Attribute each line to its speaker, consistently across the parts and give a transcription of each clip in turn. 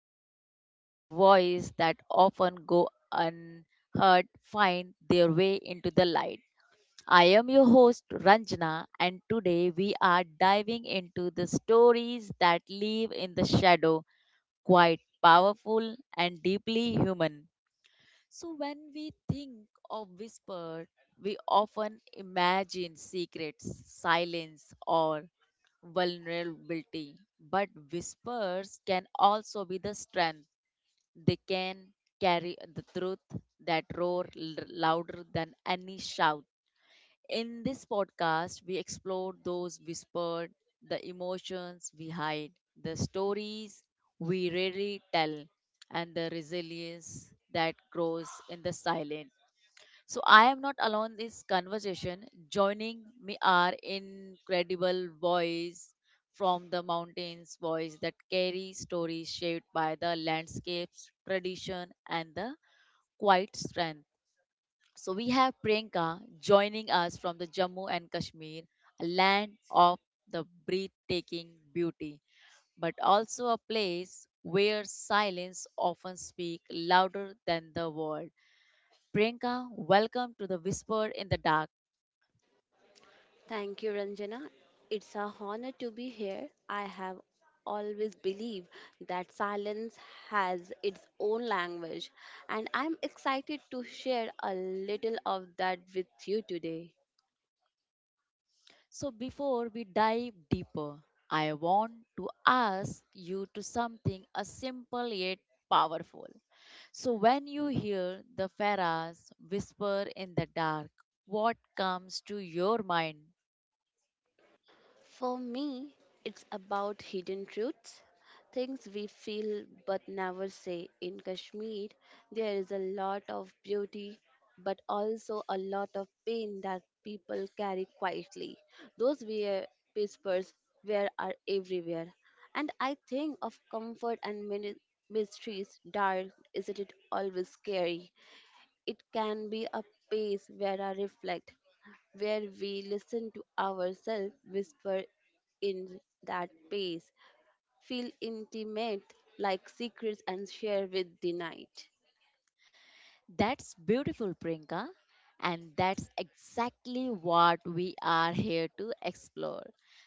Speaker 1: space where voices that often go unheard find their way into the light. I am your host, Ranjana, and today we are diving into the stories that live in the shadow, quite powerful and deeply human. So, when we think of whisper, we often imagine secrets, silence, or vulnerability. But whispers can also be the strength. They can carry the truth that roar louder than any shout. In this podcast, we explore those whispered, the emotions we hide, the stories we rarely tell, and the resilience that grows in the silence. So, I am not alone in this conversation. Joining me are incredible voice from the mountains, voice that carry stories shaped by the landscapes, tradition, and the quiet strength, so we have Priyanka joining us from the Jammu and Kashmir, a land of the breathtaking beauty, but also a place where silence often speaks louder than the word. Priyanka, welcome to the Whisper in the Dark.
Speaker 2: Thank you, Ranjana. It's a honor to be here. I have always believed that silence has its own language, and I'm excited to share a little of that with you today.
Speaker 1: So before we dive deeper, I want to ask you to something a simple yet powerful. So when you hear the Pharaohs whisper in the dark, what comes to your mind?
Speaker 2: For me, it's about hidden truths, things we feel but never say. In Kashmir, there is a lot of beauty, but also a lot of pain that people carry quietly. Those were whispers where are everywhere. And I think of comfort and many mysteries, dark, isn't it always scary? It can be a space where I reflect, where we listen to ourselves whisper in that space, feel intimate like secrets and share with the night.
Speaker 1: That's beautiful, Priyanka. And that's exactly what we are here to explore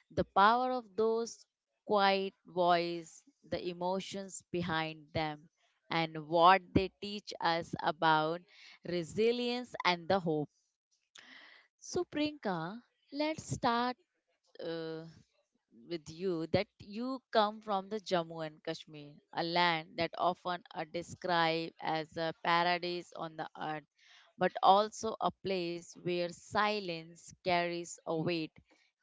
Speaker 1: the power of those quiet voices, the emotions behind them, and what they teach us about resilience and the hope. So, Priyanka, let's start. uh, with you, that you come from the Jammu and Kashmir, a land that often are described as a paradise on the earth, but also a place where silence carries a weight.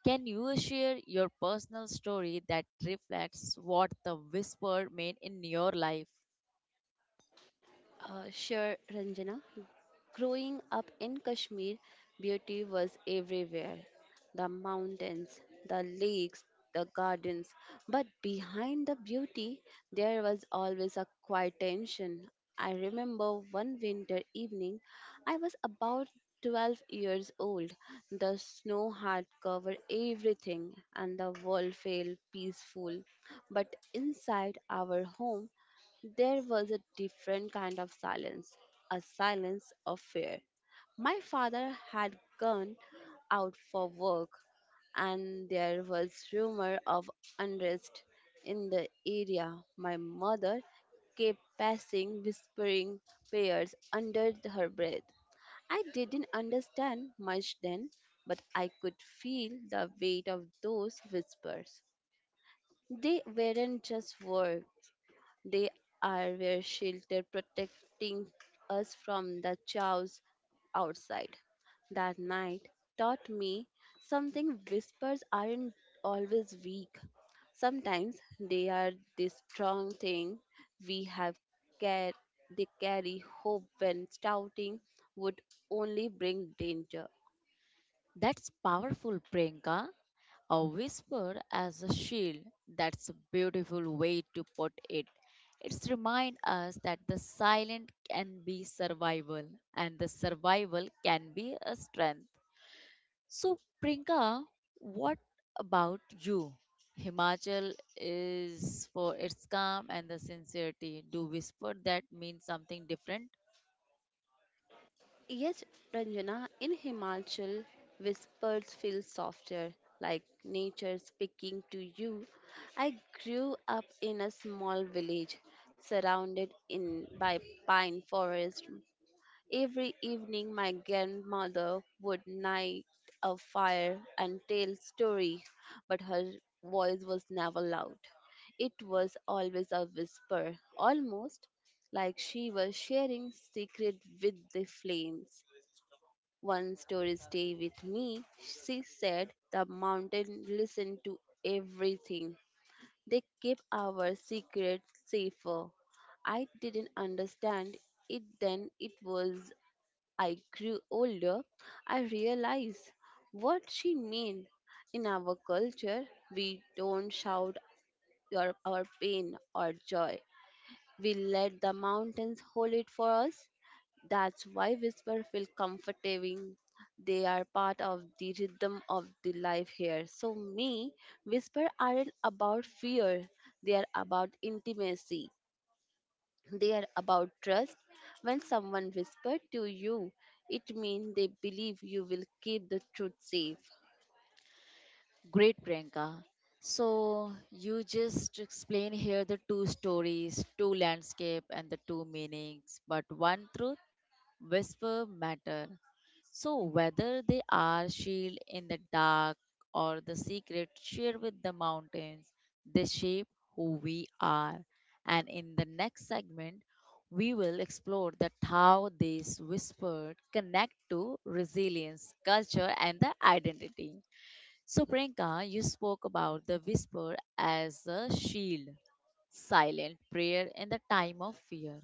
Speaker 1: Can you share your personal story that reflects what the whisper meant in your life?
Speaker 2: Sure, Ranjana. Growing up in Kashmir, beauty was everywhere the mountains, the lakes, the gardens. But behind the beauty, there was always a quiet tension. I remember one winter evening, I was about 12 years old. The snow had covered everything, and the world felt peaceful. But inside our home, there was a different kind of silence, a silence of fear. My father had gone out for work, and there was rumor of unrest in the area. My mother kept passing whispering prayers under her breath. I didn't understand much then, but I could feel the weight of those whispers. They weren't just words, they are their shelter, protecting us from the chaos outside. That night taught me something whispers aren't always weak. Sometimes they are the strong thing we have care they carry hope when shouting would only bring danger.
Speaker 1: That's powerful, Priyanka. A whisper as a shield. That's a beautiful way to put it. It's remind us that the silent can be survival and the survival can be a strength. So, Priyanka, what about you? Himachal is for its calm and the sincerity. Do whisper that mean something different?
Speaker 2: Yes, Ranjana, in Himachal, whispers feel softer, like nature speaking to you. I grew up in a small village surrounded in by pine forest. Every evening my grandmother would light a fire and tell story, but her voice was never loud. It was always a whisper, almost like she was sharing secret with the flames. One story stay with me, she said. The mountain listened to everything. They kept our secret safer. I didn't understand it then. It was I grew older. I realized what she meant. In our culture, we don't shout your, our pain or joy. We let the mountains hold it for us. That's why whisper feel comforting. They are part of the rhythm of the life here. So me, whisper aren't about fear. They are about intimacy. They are about trust. When someone whispered to you, it means they believe you will keep the truth safe.
Speaker 1: Great, Priyanka. So you just explain here the two stories, two landscape, and the two meanings, but one truth whisper matter. So whether they are shield in the dark or the secret shared with the mountains, they shape who we are. And in the next segment, we will explore that how these whispered connect to resilience, culture, and the identity. So, Priyanka, you spoke about the whisper as a shield, silent prayer in the time of fear.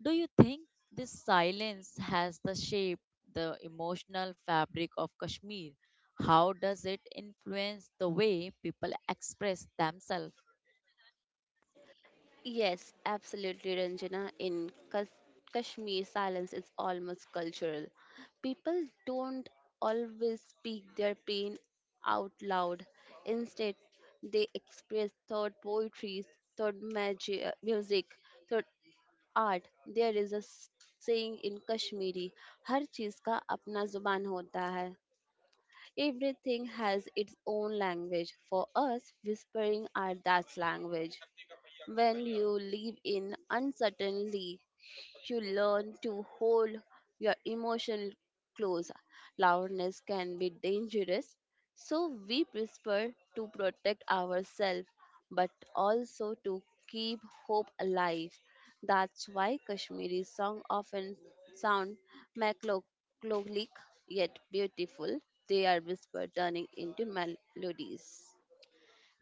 Speaker 1: Do you think this silence has the shape, the emotional fabric of Kashmir? How does it influence the way people express themselves?
Speaker 2: Yes, absolutely, Ranjana. In Kashmir, silence is almost cultural. People don't always speak their pain out loud. Instead, they express through poetry, through music, through art. There is a saying in Kashmiri, हर चीज का अपना जुबान होता है. Everything has its own language. For us, whispering are that language. When you live in uncertainty, you learn to hold your emotion close. Loudness can be dangerous, so we prefer to protect ourselves but also to keep hope alive. That's why Kashmiri songs often sound melancholic yet beautiful. They are whispered turning into melodies.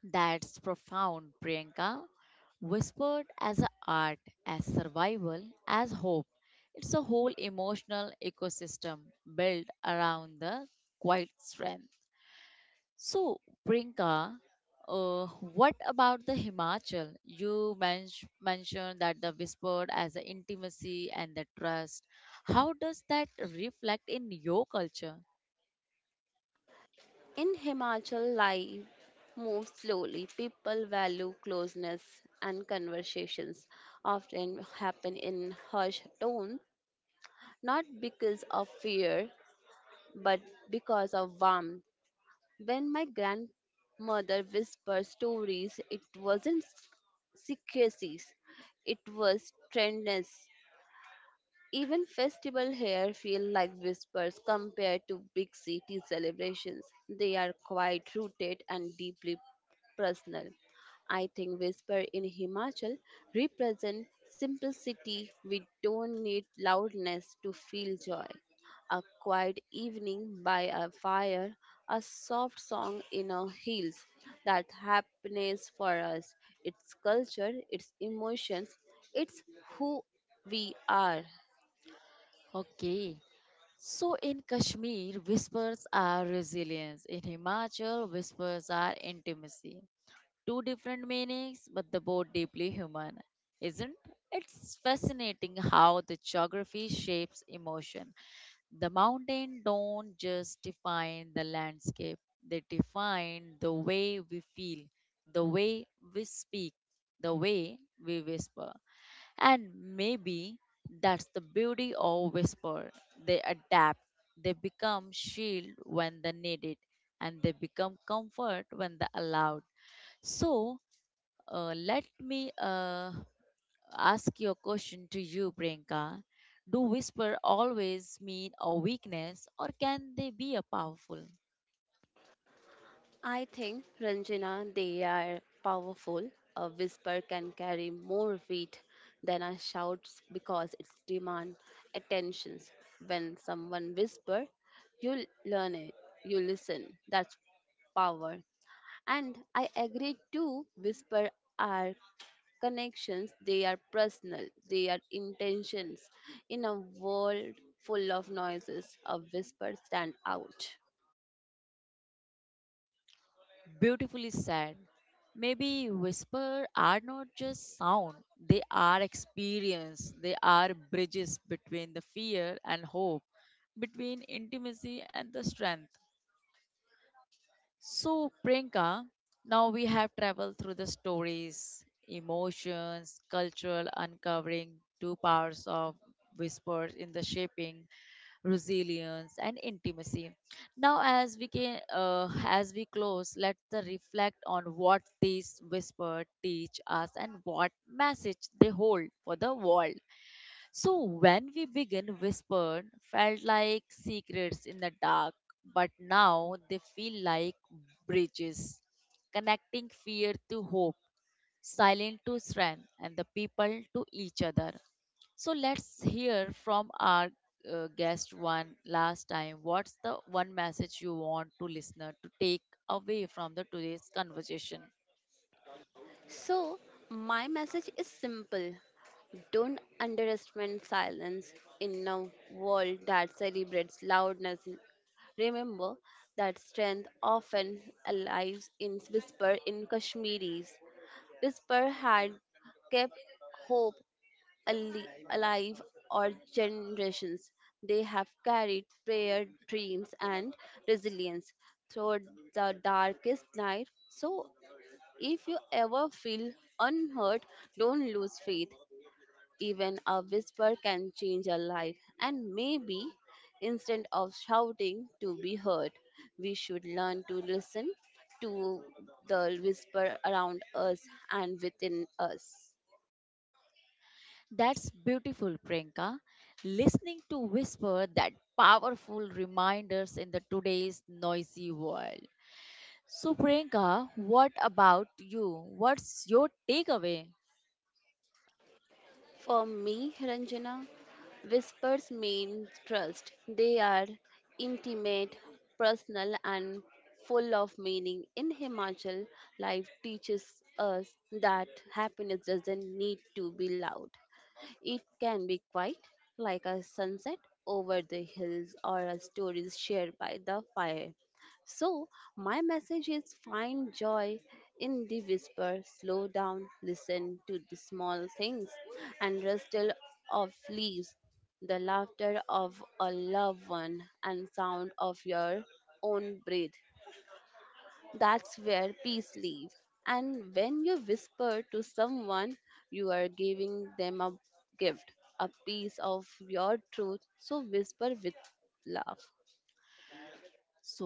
Speaker 1: That's profound, Priyanka. Whispered as a art, as survival, as hope. It's a whole emotional ecosystem built around the quiet strength. So, Priyanka, uh, what about the Himachal? You mentioned that the whispered as the intimacy and the trust. How does that reflect in your culture?
Speaker 2: In Himachal, life moves slowly. People value closeness and conversations often happen in hushed tones, not because of fear, but because of warmth. When my grandmother whispered stories, it wasn't secrecies, it was tenderness. Even festival here feel like whispers compared to big city celebrations. They are quite rooted and deeply personal. I think whisper in Himachal represent simplicity. We don't need loudness to feel joy. A quiet evening by a fire, a soft song in our heels. That happiness for us. It's culture, it's emotions, it's who we are.
Speaker 1: Okay. So in Kashmir, whispers are resilience. In Himachal, whispers are intimacy. Two different meanings, but the both deeply human. Isn't it's fascinating how the geography shapes emotion. The mountain don't just define the landscape, they define the way we feel, the way we speak, the way we whisper. And maybe that's the beauty of whisper. They adapt, they become shield when they need it, and they become comfort when they allowed. So let me ask your question to you, Priyanka. Do whisper always mean a weakness, or can they be a powerful?
Speaker 2: I think, Ranjana, they are powerful. A whisper can carry more weight than a shout because it demands attention. When someone whispers, you learn it, you listen. That's power. And I agree too, whisper are connections, they are personal, they are intentions. In a world full of noises, a whisper stand out.
Speaker 1: Beautifully said. Maybe whisper are not just sound, they are experience, they are bridges between the fear and hope, between intimacy and the strength. So, Priyanka, now we have traveled through the stories, emotions, cultural uncovering, two powers of whispers in the shaping, resilience, and intimacy. Now, as we can, as we close, let us reflect on what these whispers teach us and what message they hold for the world. So when we begin Whispered felt like secrets in the dark, but now they feel like bridges, connecting fear to hope, silent to strength, and the people to each other. So let's hear from our guest one last time. What's the one message you want to listener to take away from the today's conversation?
Speaker 2: So, my message is simple. Don't underestimate silence in a world that celebrates loudness. Remember that strength often lies in whisper in Kashmiris. Whisper had kept hope alive for generations. They have carried prayer, dreams, and resilience through the darkest night. So, if you ever feel unheard, don't lose faith. Even a whisper can change a life, and maybe instead of shouting to be heard, we should learn to listen to the whisper around us and within us.
Speaker 1: That's beautiful, Priyanka. Listening to whisper that powerful reminders in the today's noisy world. So, Priyanka, what about you? What's your takeaway?
Speaker 2: For me, Ranjana, whispers mean trust. They are intimate, personal, and full of meaning. In Himachal, life teaches us that happiness doesn't need to be loud. It can be quite like a sunset over the hills or a story shared by the fire. So, my message is find joy in the whisper, slow down, listen to the small things, and rustle of leaves, the laughter of a loved one, and sound of your own breath. That's where peace lives. And when you whisper to someone, you are giving them a gift, a piece of your truth. So whisper with love.
Speaker 1: So,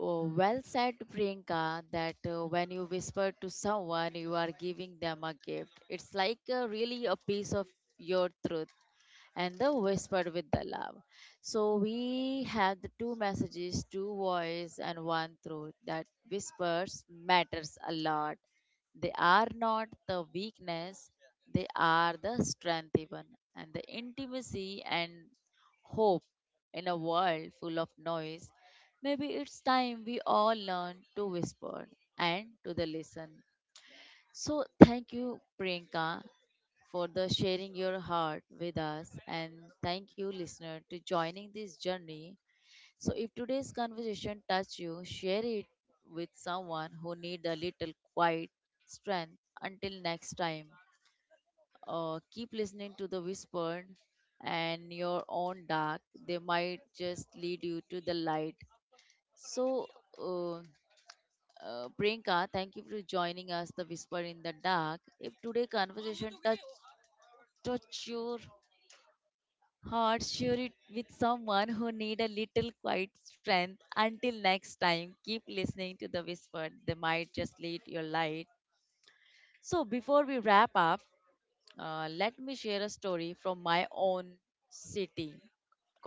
Speaker 1: well said, Priyanka, that when you whisper to someone, you are giving them a gift. It's like really a piece of your truth and the whisper with the love. So, we have the two messages, two voice, and one truth that whispers matters a lot. They are not the weakness, they are the strength, even, and the intimacy and hope in a world full of noise. Maybe it's time we all learn to whisper and to the listen. So thank you, Priyanka, for the sharing your heart with us, and thank you, listener, to joining this journey. So if today's conversation touched you, share it with someone who need a little quiet strength. Until next time, keep listening to the whispered and your own dark. They might just lead you to the light. So. Uh, Priyanka, thank you for joining us, The Whisper in the Dark. If today conversation touch your heart, share it with someone who need a little quiet strength. Until next time, keep listening to The Whisper. They might just lead your light. So before we wrap up, let me share a story from my own city,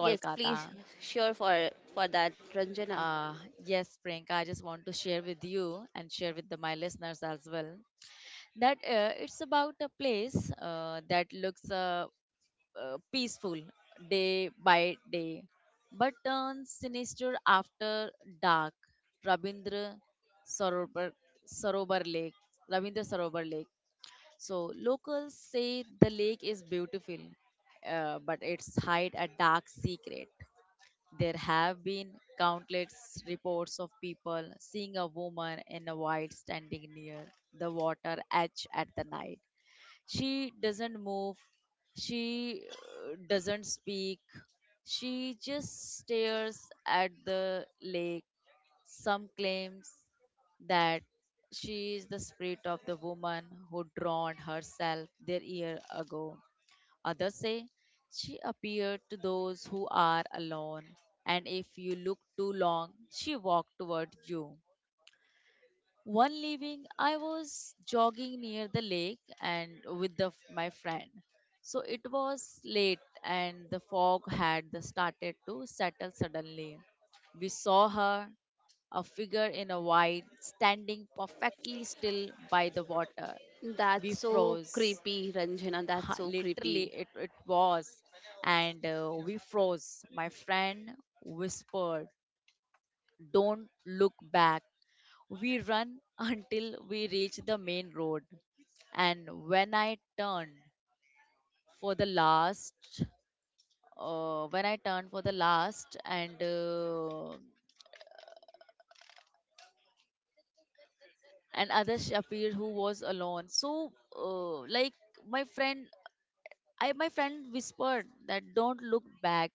Speaker 2: Yes, please, sure for that, Ranjana.
Speaker 1: Uh, yes, Priyanka, I just want to share with you and share with the, my listeners as well. That it's about a place that looks peaceful day by day but turns sinister after dark. Rabindra Sarobar, Sarobar Lake, Rabindra Sarobar Lake. So locals say the lake is beautiful, but it's hide a dark secret. There have been countless reports of people seeing a woman in a white standing near the water edge at the night. She doesn't move, she doesn't speak, she just stares at the lake. Some claims that she is the spirit of the woman who drowned herself there year ago. Others say she appeared to those who are alone, and if you look too long, she walked toward you. One evening, I was jogging near the lake and with the, my friend. So it was late and the fog had the started to settle suddenly. We saw her, a figure in a white, standing perfectly still by the water. We
Speaker 2: That's so
Speaker 1: froze.
Speaker 2: creepy, Ranjana. That's
Speaker 1: Ha,
Speaker 2: so creepy.
Speaker 1: literally, it was. And we froze. My friend whispered, "Don't look back." We run until we reach the main road. And when I turned for the last, when I turned for the last, and others appeared who was alone. So, like my friend, I my friend whispered that don't look back,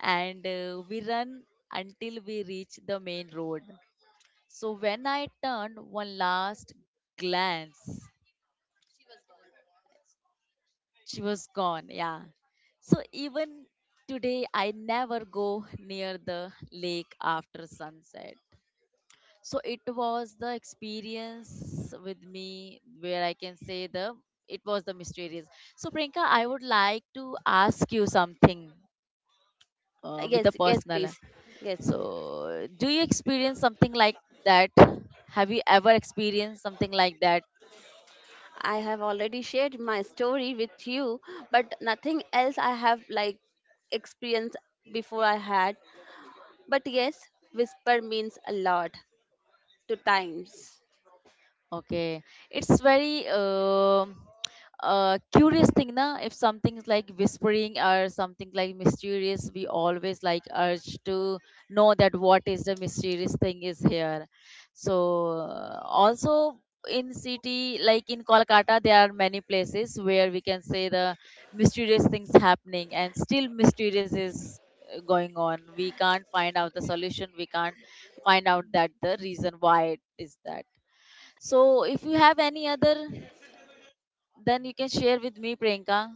Speaker 1: and we run until we reach the main road. So when I turned one last glance, she was gone. Yeah, so even today I never go near the lake after sunset. So it was the experience with me where I can say the it was the mysterious. So Priyanka, I would like to ask you something with the
Speaker 2: Yes, yes,
Speaker 1: personal.
Speaker 2: please. Yes.
Speaker 1: So do you experience something like that have you ever experienced something like that?
Speaker 2: I have already shared my story with you, but nothing else I have like experienced before I had. But yes, whisper means a lot to times.
Speaker 1: Okay, it's very curious thing, na? If something's like whispering or something like mysterious, we always like urge to know that what is the mysterious thing is here. So also in city like in Kolkata, there are many places where we can say the mysterious things happening, and still mysterious is going on. We can't find out the solution. We can't find out that the reason why it is that. So, if you have any other, then you can share with me, Priyanka.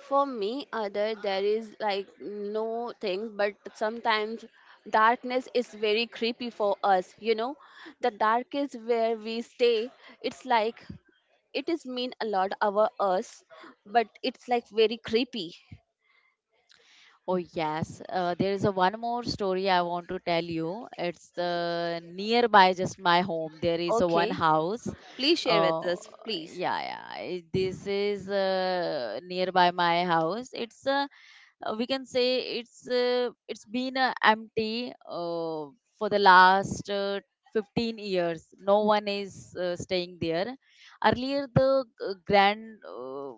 Speaker 2: For me, other there is like no thing, but sometimes darkness is very creepy for us. You know, the dark is where we stay. It's like it is mean a lot our us, but it's like very creepy.
Speaker 1: Oh, yes. There is a one more story I want to tell you. It's nearby just my home. There is a one
Speaker 2: Okay,
Speaker 1: house.
Speaker 2: please share with
Speaker 1: Uh,
Speaker 2: us, please.
Speaker 1: This is nearby my house. It's a, we can say it's been empty, for the last 15 years no one is staying there. Earlier the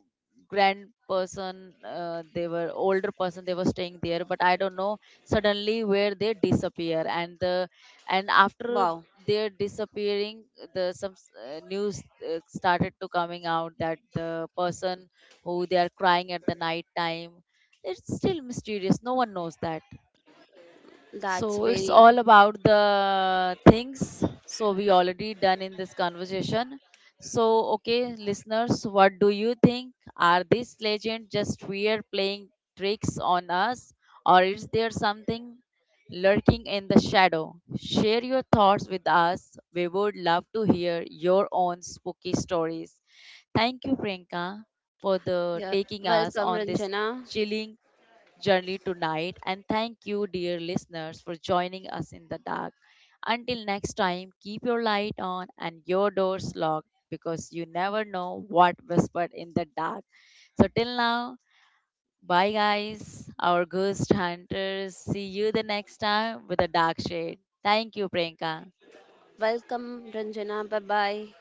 Speaker 1: grand person, they were older person, they were staying there, but I don't know suddenly where they disappear. And the, and after
Speaker 2: Wow,
Speaker 1: they're disappearing, the some news started to coming out that the person who they are crying at the night time. It's still mysterious, no one knows that.
Speaker 2: that's
Speaker 1: So it's
Speaker 2: very
Speaker 1: all about the things, so we already done in this conversation. So okay, listeners, what do you think, are these legends just weird playing tricks on us, or is there something lurking in the shadow? Share your thoughts with us, we would love to hear your own spooky stories. Thank you, Priyanka, for the
Speaker 2: yeah.
Speaker 1: taking us
Speaker 2: Welcome
Speaker 1: on this
Speaker 2: Ranjana.
Speaker 1: chilling journey tonight. And thank you, dear listeners, for joining us in the dark. Until next time, keep your light on and your doors locked because you never know what whispered in the dark. So, till now, bye, guys, our ghost hunters. See you the next time with a dark shade. Thank you, Priyanka.
Speaker 2: Welcome Ranjana. Bye bye.